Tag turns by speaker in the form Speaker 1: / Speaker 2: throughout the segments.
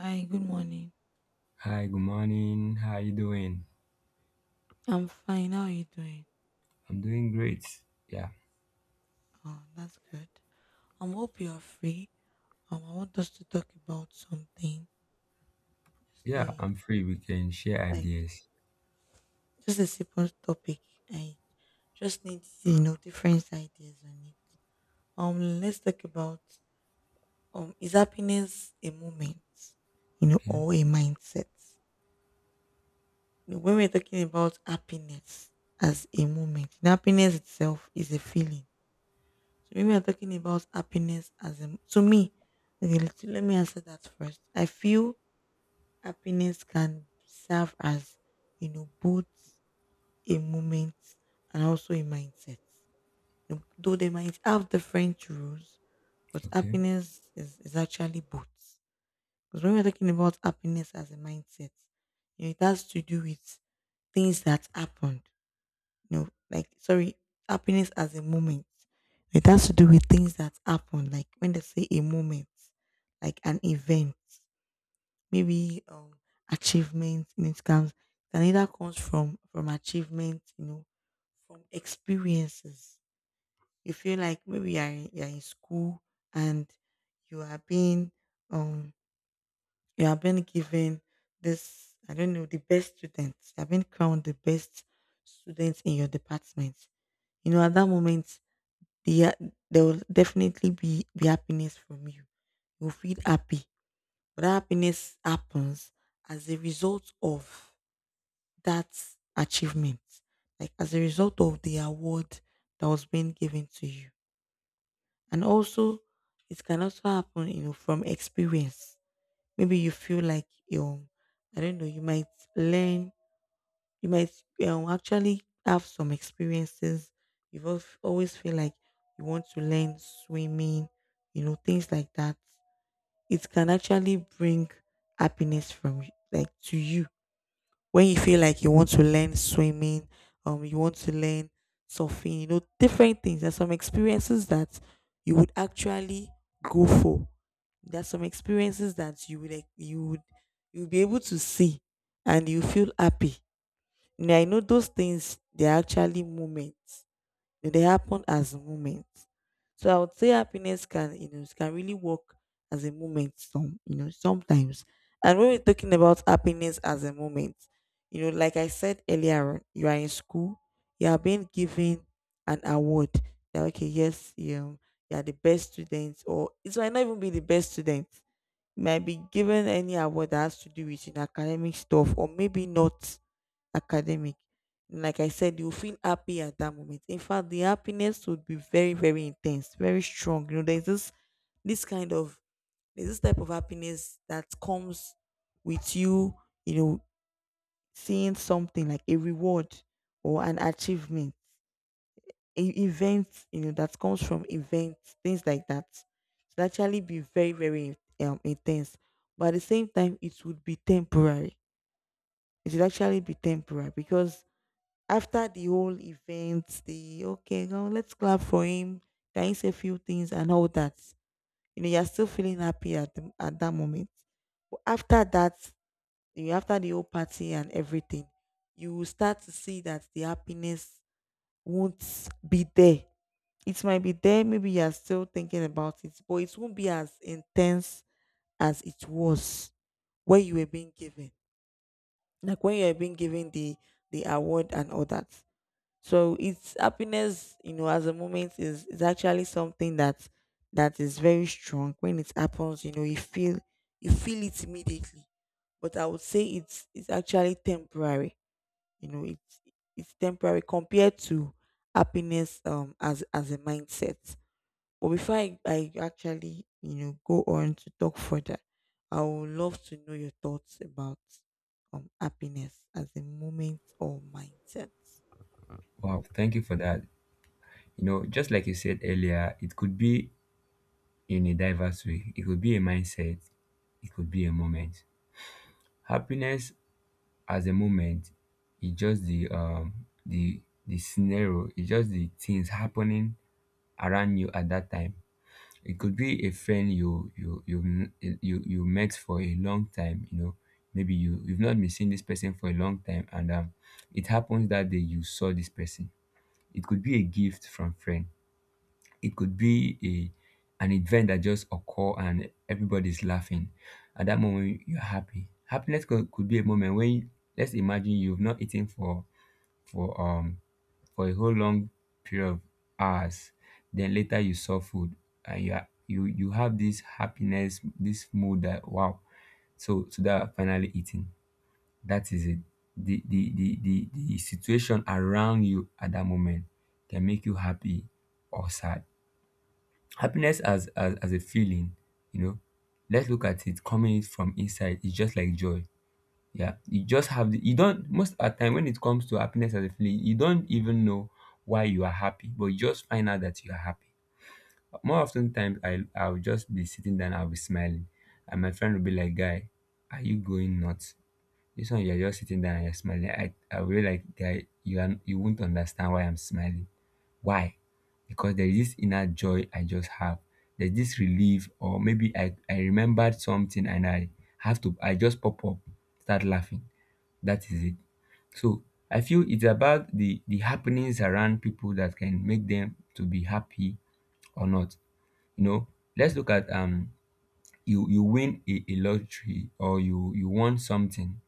Speaker 1: Hi, good morning.
Speaker 2: Hi, good morning. How are you doing?
Speaker 1: I'm fine. How are you doing?
Speaker 2: I'm doing great. Yeah.
Speaker 1: Oh, that's good. I hope you are free. I want us to talk about something. Just
Speaker 2: Yeah,
Speaker 1: a
Speaker 2: I'm free. We can share
Speaker 1: like
Speaker 2: ideas.
Speaker 1: just a simple topic. I just need, different ideas on it. Let's talk about, is happiness a moment, you know,
Speaker 2: Okay.
Speaker 1: or a mindset? When we're talking about happiness as a moment, happiness itself is a feeling. So maybe we're talking about happiness as a, to me. Okay, let me answer that first. I feel happiness can serve as, both a moment and also a mindset. You know, though they might have different rules, but
Speaker 2: Okay.
Speaker 1: happiness is actually both. Because when we're talking about happiness as a mindset, you know, it has to do with things that happened. No, like sorry, happiness as a moment. It has to do with things that happen, like when they say a moment, like an event, maybe achievement in it comes can either comes from achievement, you know, from experiences. You feel like maybe you're in school and you are being um you are being given this, I don't know, the best students. You have been crowned the best students in your department. You know, at that moment, the, there will definitely be happiness from you. You'll feel happy. But that happiness happens as a result of that achievement, like as a result of the award that was being given to you. And also, it can also happen, you know, from experience. Maybe you feel like you, I don't know, you might learn you might actually have some experiences. You've always feel like you want to learn swimming, you know, things like that. It can actually bring happiness like to you when you feel like you want to learn swimming, you want to learn surfing, you know, different things. There's some experiences that you would actually go for. There's some experiences that you would like, you would you'll be able to see and you feel happy. Yeah, you know, those things, they're actually moments. They happen as moments. So I would say happiness can, it can really work as a moment, sometimes. And when we're talking about happiness as a moment, you know, like I said earlier on, you are in school, you are being given an award. That okay, yes, you know, you are the best student, or it might not even be the best student. You might be given any award that has to do with, you know, academic stuff, or maybe not academic. Like I said, you feel happy at that moment. In fact, the happiness would be very, very intense, very strong. You know, this kind of there's this type of happiness that comes with you, you know, seeing something like a reward or an achievement, a event, you know, that comes from events, things like that. It actually be very, very intense. But at the same time, it would be temporary. It would actually be temporary because after the whole event, the okay, now let's clap for him. Can you say a few things and all that? You know, you're still feeling happy at the, at that moment. But after that, you after the whole party and everything, you will start to see that the happiness won't be there. It might be there, maybe you're still thinking about it, but it won't be as intense as it was when you were being given. Like when you were being given the award and all that. So it's happiness, you know, as a moment, is actually something that is very strong. When it happens, you know, you feel it immediately. But I would say it's actually temporary. You know, it's temporary compared to happiness, as a mindset. But before I actually, you know, go on to talk further, I would love to know your thoughts about happiness as a moment or mindset.
Speaker 2: Wow. Thank you for that. You know, just like you said earlier, it could be in a diverse way. It could be a mindset. It could be a moment. Happiness as a moment is just the scenario. It's just the things happening around you at that time. It could be a friend you you you m- you met for a long time. You know, maybe you've not been seeing this person for a long time, and it happens that day you saw this person. It could be a gift from friend. It could be a an event that just occur and everybody's laughing. At that moment, you're happy. Happiness could be a moment when, let's imagine, you've not eaten for for um a whole long period of hours, then later you saw food and you are, you have this happiness, this mood that, wow, so that, finally eating, that is it. The situation around you at that moment can make you happy or sad. Happiness as a feeling, you know, let's look at it coming from inside. It's just like joy. Yeah, you just have the, you don't, most at time when it comes to happiness as a feeling, you don't even know why you are happy, but you just find out that you are happy. More often times, I'll just be sitting down, I'll be smiling, and my friend will be like, "Guy, are you going nuts? This one you're just sitting down and you're smiling." I will be like, "Guy, you won't understand why I'm smiling. Why? Because there is this inner joy I just have. There's this relief, or maybe I remembered something and I have to I just pop up, start laughing." That is it. So I feel it's about the happenings around people that can make them to be happy or not. You know, let's look at, you win a lottery or you want something.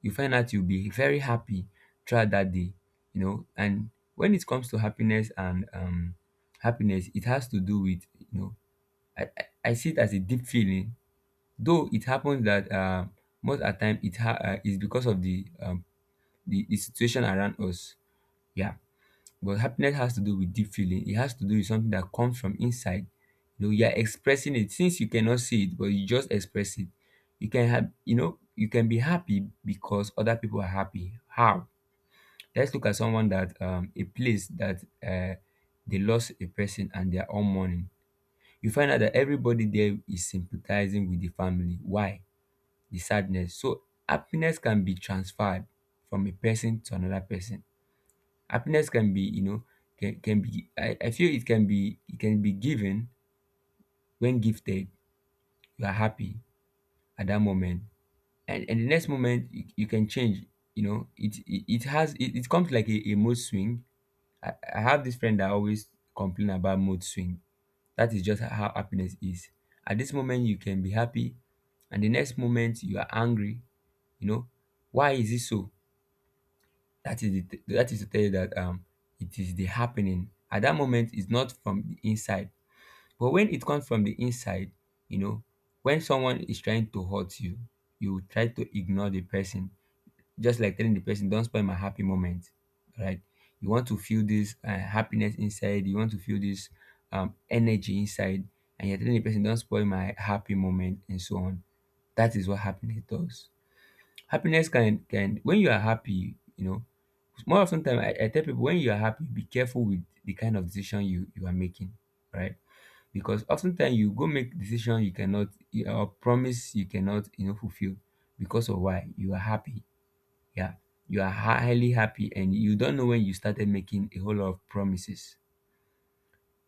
Speaker 2: You find out you'll be very happy throughout that day. You know, and when it comes to happiness and happiness, it has to do with, you know, I I, I see it as a deep feeling. Though it happens that most of the time is because of the situation around us. Yeah. But happiness has to do with deep feeling. It has to do with something that comes from inside. You know, you are expressing it since you cannot see it, but you just express it. You can have, you know, you can be happy because other people are happy. How? Let's look at someone that, a place that, they lost a person and they are all mourning. You find out that everybody there is sympathizing with the family. Why? The sadness. So happiness can be transferred from a person to another person. Happiness can be, you know, can be I feel, it can be given when gifted. You are happy at that moment. And the next moment you can change. You know, it comes like a mood swing. I have this friend that always complain about mood swing. That is just how happiness is. At this moment you can be happy and the next moment you are angry, you know. Why is it so? That is to tell you that it is the happening. At that moment, is not from the inside. But when it comes from the inside, you know, when someone is trying to hurt you, you try to ignore the person. Just like telling the person, don't spoil my happy moment. Right? You want to feel this happiness inside, you want to feel this energy inside, and you're telling the person, don't spoil my happy moment, and so on. That is what happiness does. Happiness can. When you are happy, you know, more of sometimes I tell people, when you are happy, be careful with the kind of decision you are making, right? Because oftentimes you go make decision you cannot or promise you cannot fulfill because of why you are happy. Yeah. You are highly happy and you don't know when you started making a whole lot of promises.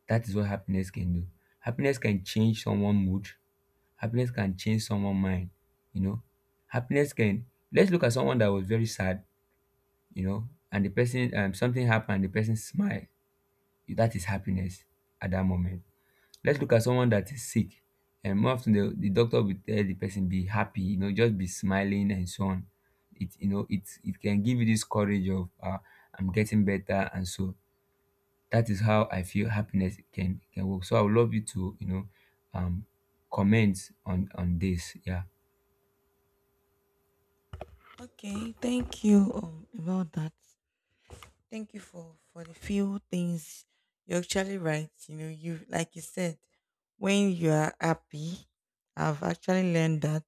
Speaker 2: That is what happiness can do. Happiness can change someone's mood. Happiness can change someone's mind. You know, happiness can. Let's look at someone that was very sad, and the person, something happened, the person smile. That is happiness at that moment. Let's look at someone that is sick. And more often the doctor will tell the person be happy, you know, just be smiling and so on. It can give you this courage of, I'm getting better. And so that is how I feel happiness can work. So I would love you to, you know, um comment on this. Yeah.
Speaker 1: Okay, thank you about that. Thank you for the few things. You're actually right. You know, you like you said, when you are happy, I've actually learned that.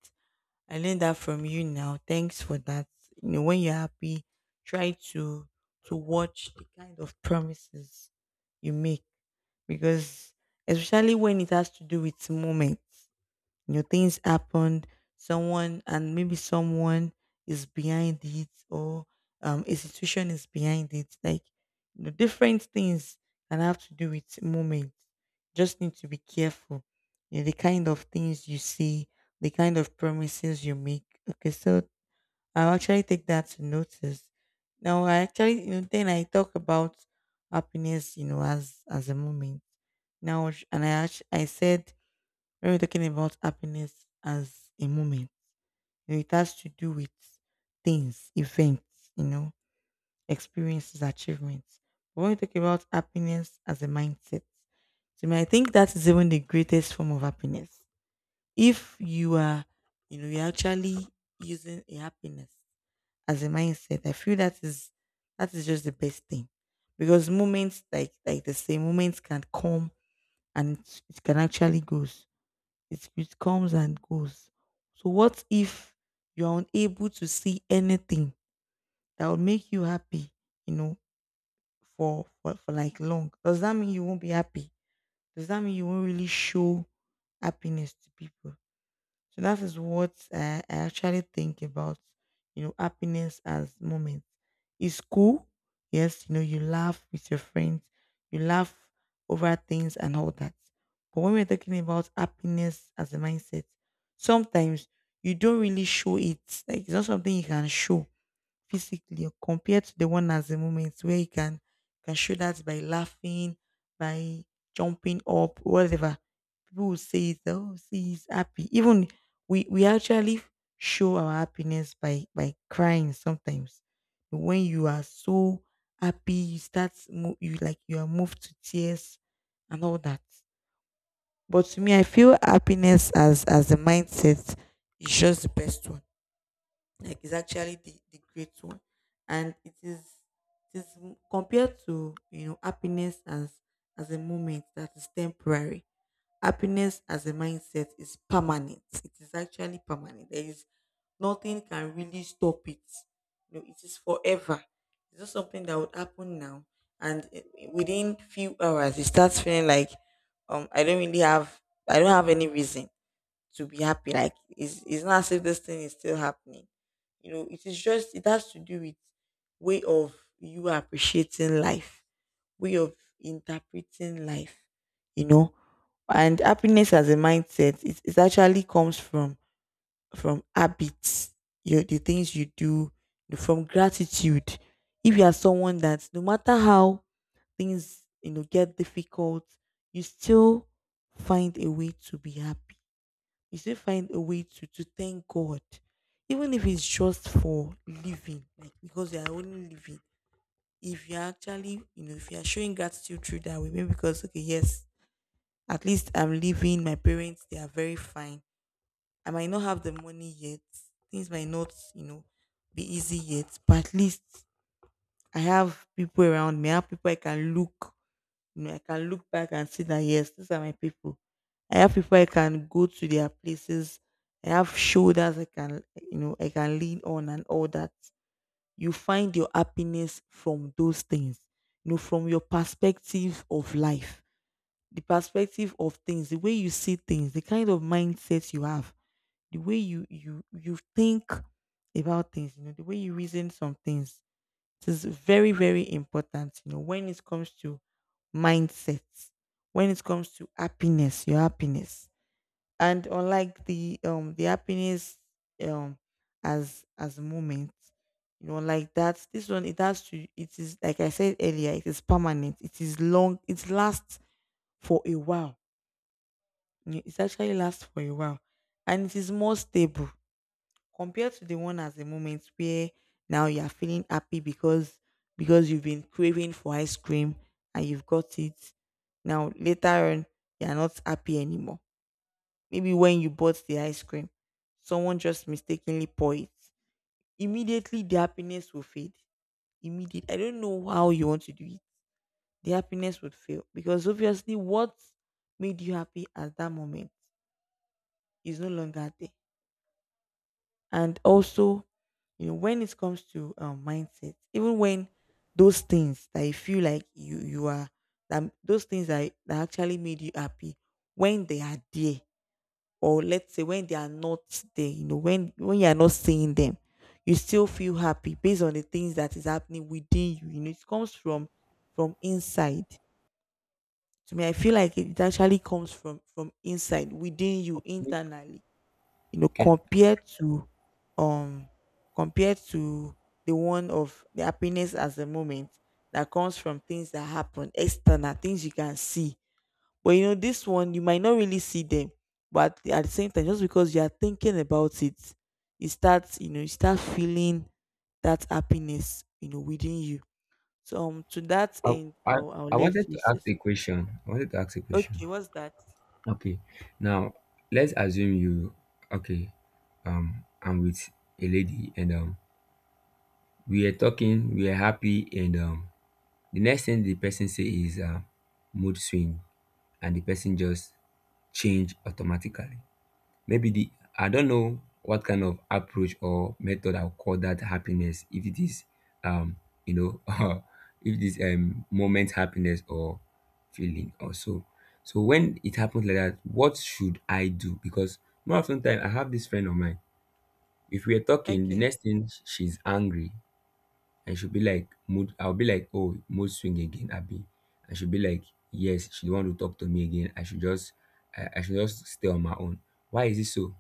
Speaker 1: I learned that from you now. Thanks for that. You know, when you're happy, try to watch the kind of promises you make, because especially when it has to do with moments. You know, things happen, someone and maybe someone is behind it, or a situation is behind it. Like, you know, different things can have to do with moments. Just need to be careful. You know, the kind of things you see, the kind of promises you make. Okay, so I'll actually take that to notice. Now I actually, then I talk about happiness, you know, as a moment. Now I said when we're talking about happiness as a moment, you know, it has to do with things, events, you know, experiences, achievements. But when we talk about happiness as a mindset, to me, I think that is even the greatest form of happiness. If you are, you're actually using a happiness as a mindset, I feel that is just the best thing. Because moments like the same moments can come and it can actually goes. It comes and goes. So what if you're unable to see anything that will make you happy, you know, for, for like long? Does that mean you won't be happy? Does that mean you won't really show happiness to people? So that is what I actually think about, you know, happiness as moments. It's cool. Yes, you know, you laugh with your friends, you laugh over things and all that. But when we're talking about happiness as a mindset, sometimes you don't really show it. Like it's not something you can show physically, or compared to the one as a moment where you can show that by laughing, by jumping up, whatever. People will say it, oh, see, he's happy. Even we actually show our happiness by crying sometimes. When you are so happy, you start you like you are moved to tears and all that. But to me, I feel happiness as a mindset is just the best one, like it's actually the great one, and it is compared to, you know, happiness as a moment, that is temporary. Happiness as a mindset is permanent. It is actually permanent. There is nothing can really stop it. You know, it is forever. It's not something that would happen now and within few hours it starts feeling like, I don't really have I don't have any reason to be happy. Like it's not as if this thing is still happening. You know, it is just it has to do with way of you appreciating life, way of interpreting life, you know. And happiness as a mindset, it actually comes from habits, you the things you do, from gratitude. If you are someone that no matter how things, you know, get difficult, you still find a way to be happy, you still find a way to thank God, even if it's just for living, like because you are only living. If you're actually, you know, if you're showing gratitude through that way, maybe because okay, yes, at least I'm living. My parents, they are very fine. I might not have the money yet. Things might not, you know, be easy yet, but at least I have people around me. I have people I can look back and see that yes, these are my people. I have people I can go to their places. I have shoulders I can lean on and all that. You find your happiness from those things, you know, from your perspective of life, the perspective of things, the way you see things, the kind of mindset you have, the way you think about things, you know, the way you reason some things. It is very, very important, you know, when it comes to mindset, when it comes to happiness, your happiness. And unlike the happiness, um as moment, you know, like that, this one it has to it is like I said earlier, it is permanent, it is long, it lasts for a while. You know, it actually lasts for a while. And it is more stable compared to the one as a moment where now you are feeling happy because you've been craving for ice cream and you've got it. Now later on you are not happy anymore. Maybe when you bought the ice cream, someone just mistakenly pour it. Immediately the happiness will fade. Immediate. I don't know how you want to do it. The happiness would fail because obviously what made you happy at that moment is no longer there. And also, when it comes to mindset, even when those things that you feel like you are that those things that actually made you happy, when they are there, or let's say when they are not there, when you are not seeing them, you still feel happy based on the things that is happening within you. It comes from inside. To me, I feel like it actually comes from inside within you internally,
Speaker 2: Can
Speaker 1: compared to um compared to the one of the happiness as a moment that comes from things that happen external, things you can see. But this one you might not really see them, but at the same time, just because you are thinking about it, you start feeling that happiness, within you. So to that
Speaker 2: I,
Speaker 1: end,
Speaker 2: I
Speaker 1: I'll
Speaker 2: I
Speaker 1: let
Speaker 2: wanted
Speaker 1: you
Speaker 2: to
Speaker 1: say.
Speaker 2: ask a question. I wanted to ask a question.
Speaker 1: Okay, what's that?
Speaker 2: Okay. Now let's assume you. Okay. I'm with a lady, and we are talking, we are happy, and the next thing the person say is, mood swing, and the person just change automatically. Maybe the I don't know what kind of approach or method I'll call that happiness. If it is, um, you know, If it is moment happiness, or feeling, or so. So when it happens like that, what should I do? Because more often time, I have this friend of mine. If we are talking, the
Speaker 1: Okay.
Speaker 2: next thing she's angry and she'll be like, mood. I'll be like, oh, mood swing again, Abby. And she'll be like, yes, she don't want to talk to me again. I should just stay on my own. Why is it so?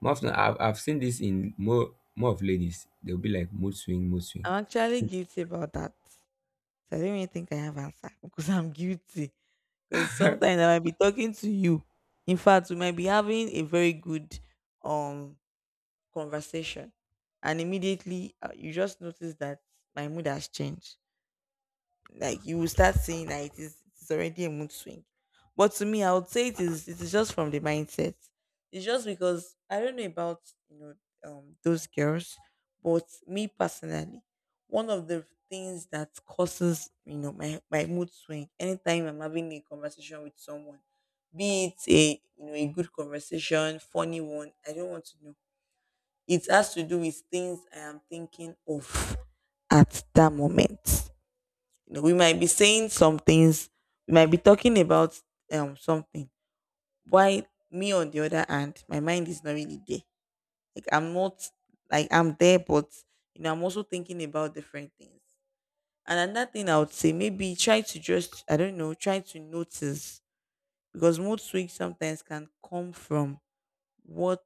Speaker 2: More often, I've seen this in more of ladies. They'll be like, mood swing, mood swing.
Speaker 1: I'm actually guilty about that. So I don't even think I have answer because I'm guilty. Because sometimes I might be talking to you. In fact, we might be having a very good um conversation, and immediately, you just notice that my mood has changed, like you will start seeing that it's already a mood swing. But to me, I would say it is just from the mindset. It's just because I don't know about, you know those girls, but me personally, one of the things that causes, my mood swing anytime I'm having a conversation with someone, be it a, a good conversation, funny one, I don't want to know. It has to do with things I am thinking of at that moment. We might be saying some things, we might be talking about something. Why me on the other hand, my mind is not really there. Like I'm not, like I'm there, but, I'm also thinking about different things. And another thing I would say, maybe try to just, I don't know, try to notice, because mood swings sometimes can come from what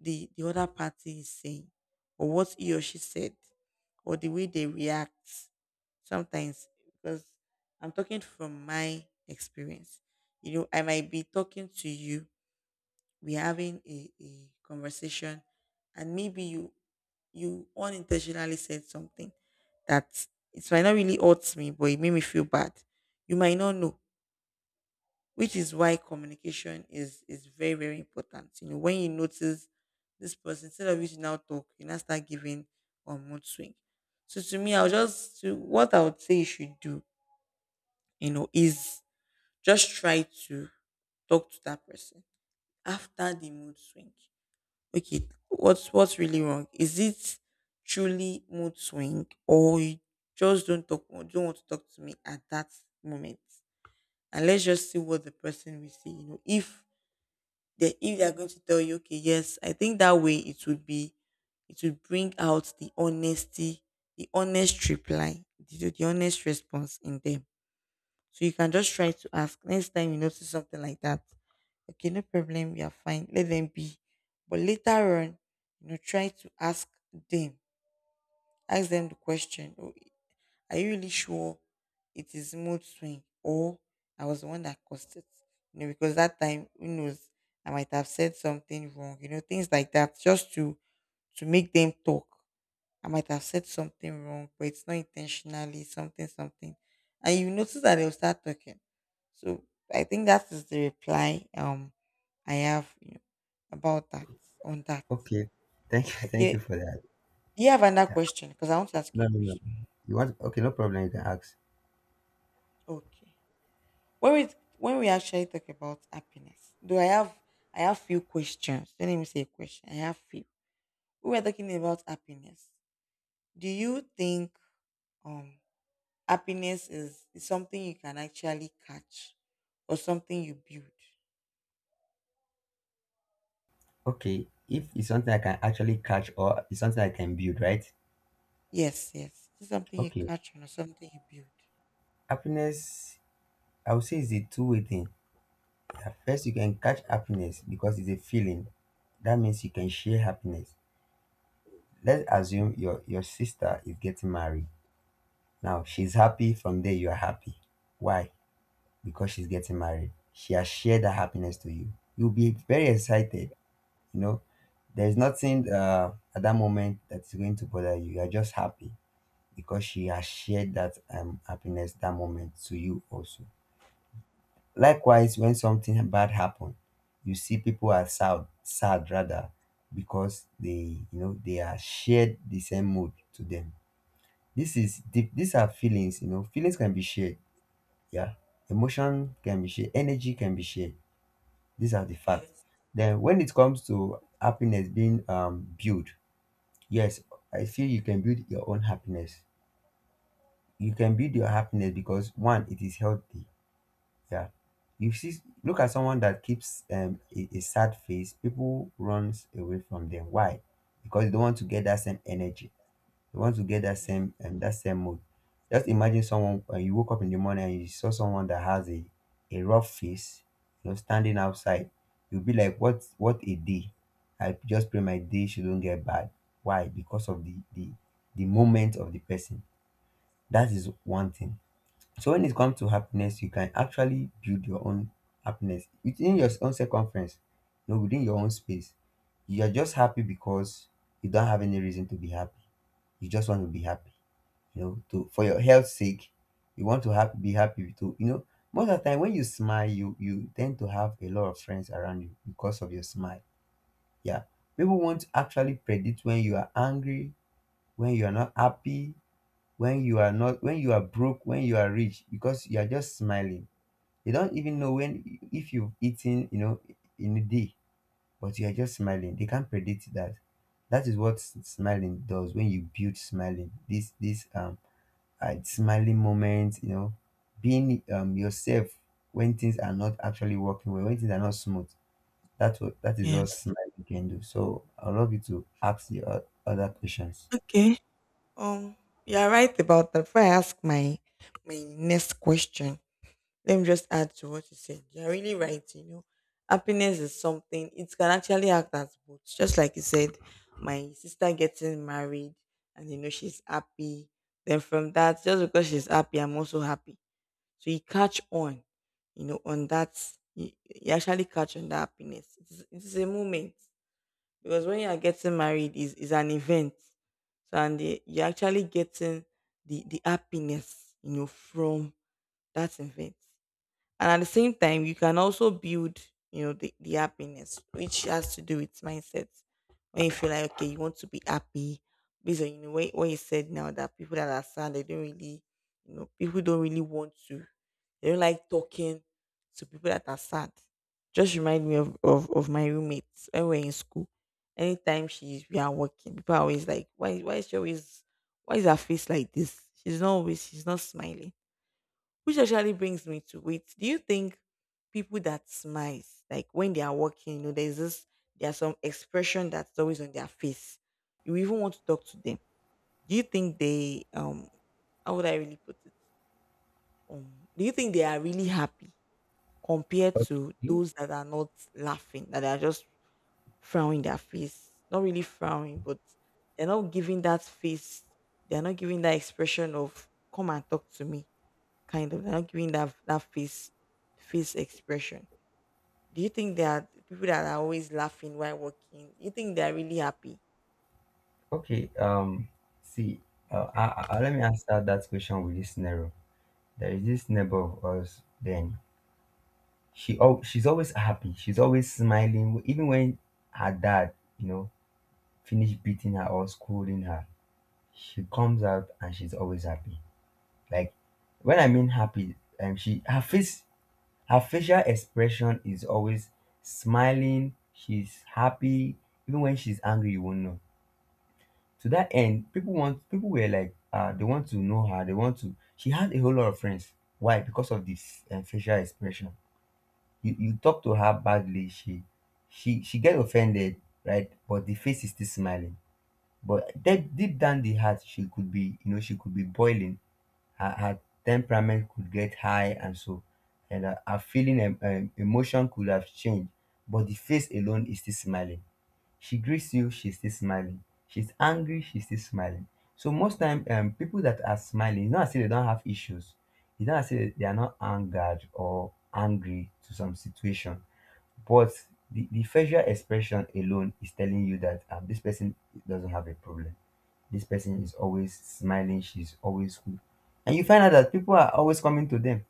Speaker 1: the other party is saying, or what he or she said, or the way they react sometimes, because I'm talking from my experience. I might be talking to you, we're having a conversation, and maybe you unintentionally said something that it might not really hurt me, but it made me feel bad. You might not know, which is why communication is very, very important. When you notice this person, instead of you to now talk, you now start giving or mood swing. So to me, I'll, just, to what I would say you should do, is just try to talk to that person after the mood swing. Okay, what's really wrong? Is it truly mood swing, or you just don't talk, don't want to talk to me at that moment? And let's just see what the person will say. If they are going to tell you, okay, yes, I think that way, it would be, it would bring out the honesty, the honest reply, the honest response in them. So you can just try to ask next time you notice something like that. Okay, no problem, we are fine. Let them be. But later on, try to them, ask them the question. Oh, are you really sure it is mood swing, or I was the one that caused it? Because that time, who knows, I might have said something wrong, things like that, just to make them talk. I might have said something wrong, but it's not intentionally something, something. And you notice that they'll start talking. So I think that is the reply I have, about that, on that.
Speaker 2: Okay. Thank you. Thank you
Speaker 1: Okay.
Speaker 2: for that.
Speaker 1: Do you have another
Speaker 2: Yeah.
Speaker 1: question? Because I want to ask you
Speaker 2: No,
Speaker 1: a
Speaker 2: no, no.
Speaker 1: question.
Speaker 2: You want Okay, no problem, you can ask.
Speaker 1: Okay. when we when we actually talk about happiness, do I have few questions. Don't. Let me say a question. I have few. We were talking about happiness. Do you think um happiness is something you can actually catch or something you build?
Speaker 2: Okay, if I can actually catch, or let.
Speaker 1: Yes, yes. It's something you
Speaker 2: Okay.
Speaker 1: catch or something you build.
Speaker 2: Happiness is a two-way thing. At first you can catch happiness because it's a feeling. That means you can share happiness. Let's assume your sister is getting married. Now she's happy, from there you are happy. Why? Because she's getting married. She has shared that happiness to you. You'll be very excited. You know, there's nothing, at that moment that's going to bother you. You're just happy because she has shared that, happiness, that moment to you also. Likewise, when something bad happens, you see people are sad, sad rather, because they are shared the same mood to them. This is deep. These are feelings. You know, feelings can be shared. Yeah, emotion can be shared. Energy can be shared. These are the facts.
Speaker 1: Yes,
Speaker 2: Then, when it comes to happiness being, built, yes, I feel you can build your own happiness. You can build your happiness because one, it is healthy. Yeah, you see, look at someone that keeps, a sad face. People runs away from them. Why? Because they don't want to get that same energy. You want to get that
Speaker 1: yes.
Speaker 2: same um, that same mood. Just imagine someone, when you woke up in the morning and you saw someone that has a rough face, you know, standing outside. You'll be like, what a day. I just pray my day shouldn't get bad. Why? Because of the moment of the person. That is one thing. So when it comes to happiness, you can actually build your own happiness within your own circumference, you know, within your own space. You are just happy because you don't have any reason to be happy. You just want to be happy, you know to for your health sake. You want to have be happy too. Most of the time when you smile, you tend to have a lot of friends around you because of your smile. Yeah, people won't actually predict when you are angry, when you are not happy, when you are not when you are broke, when you are rich, because you are just smiling. They don't even know when if you've eaten, in a day, but you are just smiling. They can't predict that. That is what smiling does, when you build smiling, this and smiling moments, you know, being, yourself, when things are not actually working well, when things are not smooth. That's what that is all
Speaker 1: Yes.
Speaker 2: smiling can do. So I love you to ask the other questions.
Speaker 1: Okay. Um, you're right about that. Before I ask my next question, let me just add to what you said. You're really right. Happiness is something it can actually act as both. Just like you said, my sister getting married, and she's happy. Then from that, just because she's happy, I'm also happy. So you catch on, on that, you actually catch on that happiness. It's a moment, because when you are getting married is an event. So, and you're actually getting the happiness, from that event. And at the same time, you can also build, the happiness, which has to do with mindset. When you feel like, okay, you want to be happy based on, what you said, now that people that are sad, they don't really, people don't really want to, they don't like talking to people that are sad. Just remind me of of my roommates when we're in school. Anytime she's we are working, people are always like, why, is she always, why is her face like this, she's not always, she's not smiling, which actually brings me to, wait. Do you think people that smiles, like when they are walking, there's some expression that's always on their face. You even want to talk to them. Do you think they, how would I really put it? Do you think they are really happy compared to
Speaker 2: Okay.
Speaker 1: those that are not laughing, that are just frowning their face? Not really frowning, but they're not giving that face, they're not giving that expression of come and talk to me kind of, they're not giving that face, expression. Do you think there are people that are always laughing while walking? Do you think they're really happy?
Speaker 2: Okay. See. Let me answer that question with this scenario. There is this neighbor of us. Then she's always happy. She's always smiling. Even when her dad, you know, finished beating her or scolding her, she comes out and she's always happy. Like when I mean happy, she her face, her facial expression is always smiling. She's happy, even when she's angry, you won't know. To that end, people want people were like, they want to know her. They want to. She had a whole lot of friends. Why? Because of this facial expression. You talk to her badly, she get offended, right? But the face is still smiling. But deep, deep down the heart, she could be, you know, she could be boiling her, her temperament could get high and so and her, her feeling and emotion could have changed, but the face alone is still smiling. She greets you, she's still smiling. She's angry, she's still smiling. So most time, people that are smiling, it's not as if they don't have issues. It's not as if they are not angered or angry to some situation. But the facial expression alone is telling you that, this person doesn't have a problem. This person is always smiling. She's always cool. And you find out that people are always coming to them.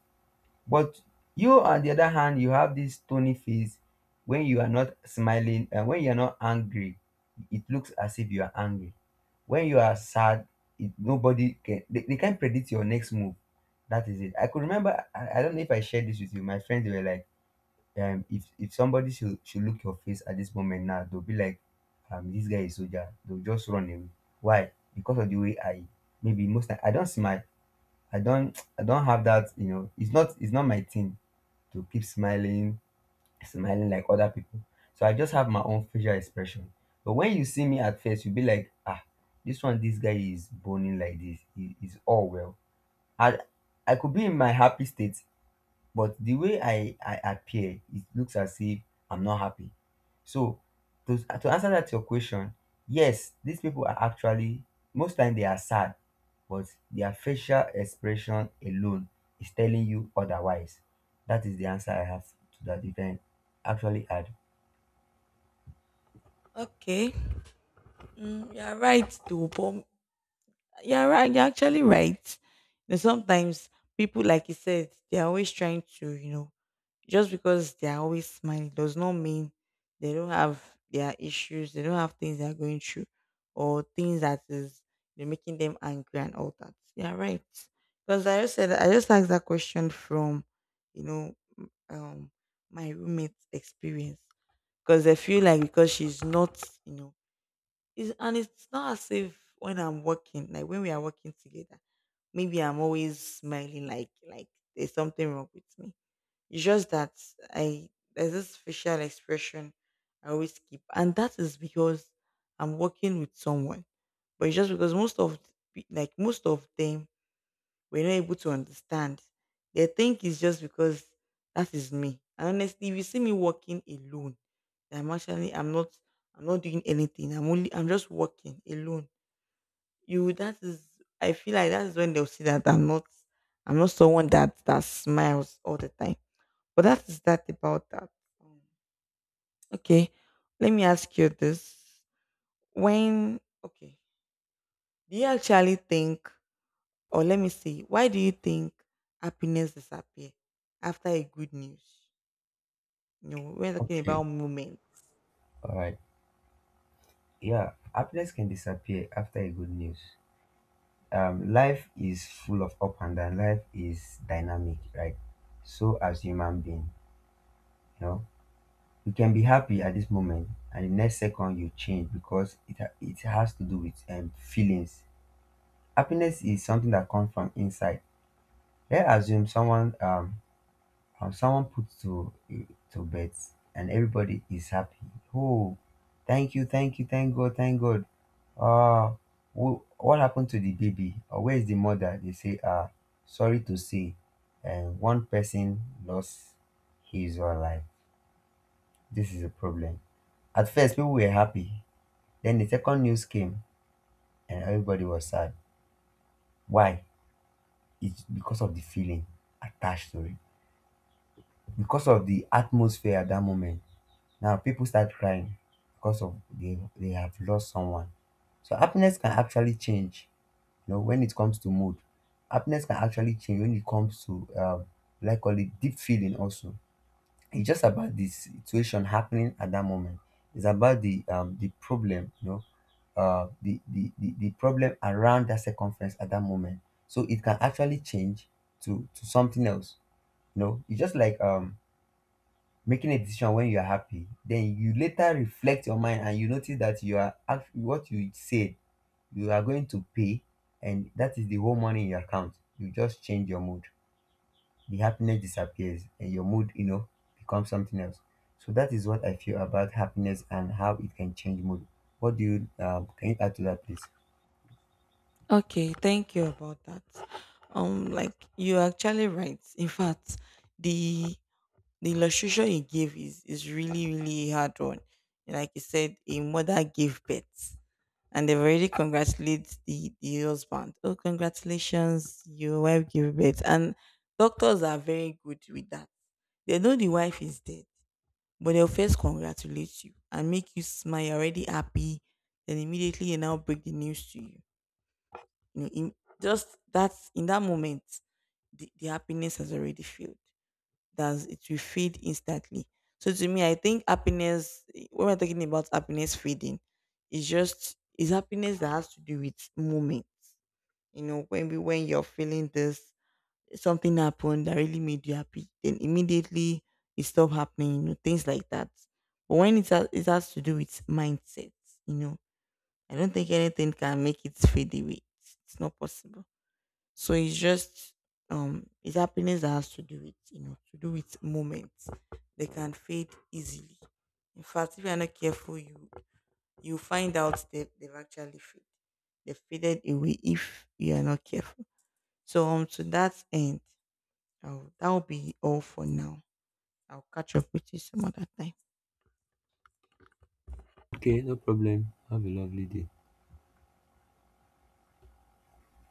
Speaker 2: But you, on the other hand, you have this stony face when you are not smiling and when you are not angry. It looks as if you are angry. When you are sad, nobody can, they can't predict your next move. That is it. I could remember, I don't know if I shared this with you. My friends they were like, if somebody should look your face at this moment now, they'll be like, this guy is soldier. They'll just run away. Why? Because of the way I maybe most time I don't smile. I don't I don't have that, you know, it's not my thing to keep smiling, smiling like other people. So I just have my own facial expression. But when you see me at first, you'll be like, ah, this one, this guy is boning like this. He is all well. I I could be in my happy state but the way I appear, it looks as if I'm not happy. So to answer that your question, yes, these people are actually most time they are sad, but their facial expression alone is telling you otherwise. That is the answer I have to that event. Actually add.
Speaker 1: Okay. You're right though, but you're actually right. Sometimes people, like you said, they're always trying to, Just because they are always smiling does not mean they don't have their issues, they don't have things they are going through, or things that is, making them angry and all that. Yeah, right. Because I just asked that question from, you know, um, my roommate's experience. Because I feel like, because she's not, and it's not as if when I'm working, like when we are working together, maybe I'm always smiling, like, there's something wrong with me. It's just that, I there's this facial expression I always keep, and that is because I'm working with someone. But it's just because most of the pe- like most of them were not able to understand. They think it's just because that is me. And honestly, if you see me working alone, that I'm actually, I'm not doing anything. I'm just working alone. You, that is, I feel like that is when they'll see that I'm not someone that smiles all the time, but that is that about that. Um, okay, let me ask you this. When, okay, do you actually think, or let me see, why do you think happiness disappear after a good news? We're talking
Speaker 2: Okay.
Speaker 1: about moments.
Speaker 2: All right. Yeah. Happiness can disappear after a good news. Life is full of up and down. Life is dynamic, right? So as human being, you know. You can be happy at this moment, and the next second you change because it it has to do with feelings. Happiness is something that comes from inside. Let's assume someone someone puts to bed and everybody is happy. Oh, thank you, thank you, thank God, thank God. Uh, what happened to the baby? Or where is the mother? They say, sorry to say, and one person lost his or her life. This is a problem. At first, people were happy. Then the second news came and everybody was sad. Why? It's because of the feeling attached to it, because of the atmosphere at that moment. Now people start crying because of they have lost someone. So happiness can actually change. You know, when it comes to mood, happiness can actually change when it comes to, like call it deep feeling also. It's just about the situation happening at that moment. It's about the problem, you know, the the problem around that circumference at that moment. So it can actually change to something else. You know, it's just like making a decision when you're happy. Then you later reflect your mind and you notice that you are what you said you are going to pay, and that is the whole money in your account. You just change your mood, the happiness disappears and your mood, you know, becomes something else. So that is what I feel about happiness and how it can change mood. What do you can you add to that, please?
Speaker 1: Okay, thank you about that. Like, you're actually right. In fact, the the illustration you gave is really, really a hard one. Like you said, a mother gave birth, and they've already congratulated the husband. Oh, congratulations, your wife gave birth. And doctors are very good with that. They know the wife is dead, but they'll first congratulate you and make you smile. You're already happy. Then immediately they now break the news to you. You know, in just that In that moment, the happiness has already failed, that it will fade instantly. So to me, I think happiness, when we're talking about happiness fading, it's happiness that has to do with moments. When you're feeling this, something happened that really made you happy, then immediately it stopped happening, things like that. But when it has to do with mindset, you know, I don't think anything can make it fade away. It's not possible. So it's happiness that has to do with moments. They can fade easily. In fact, if you're not careful, you find out they've actually faded. They faded away if you are not careful. So to that end, that'll be all for now. I'll catch up with you some other time.
Speaker 2: Okay, no problem. Have a lovely day.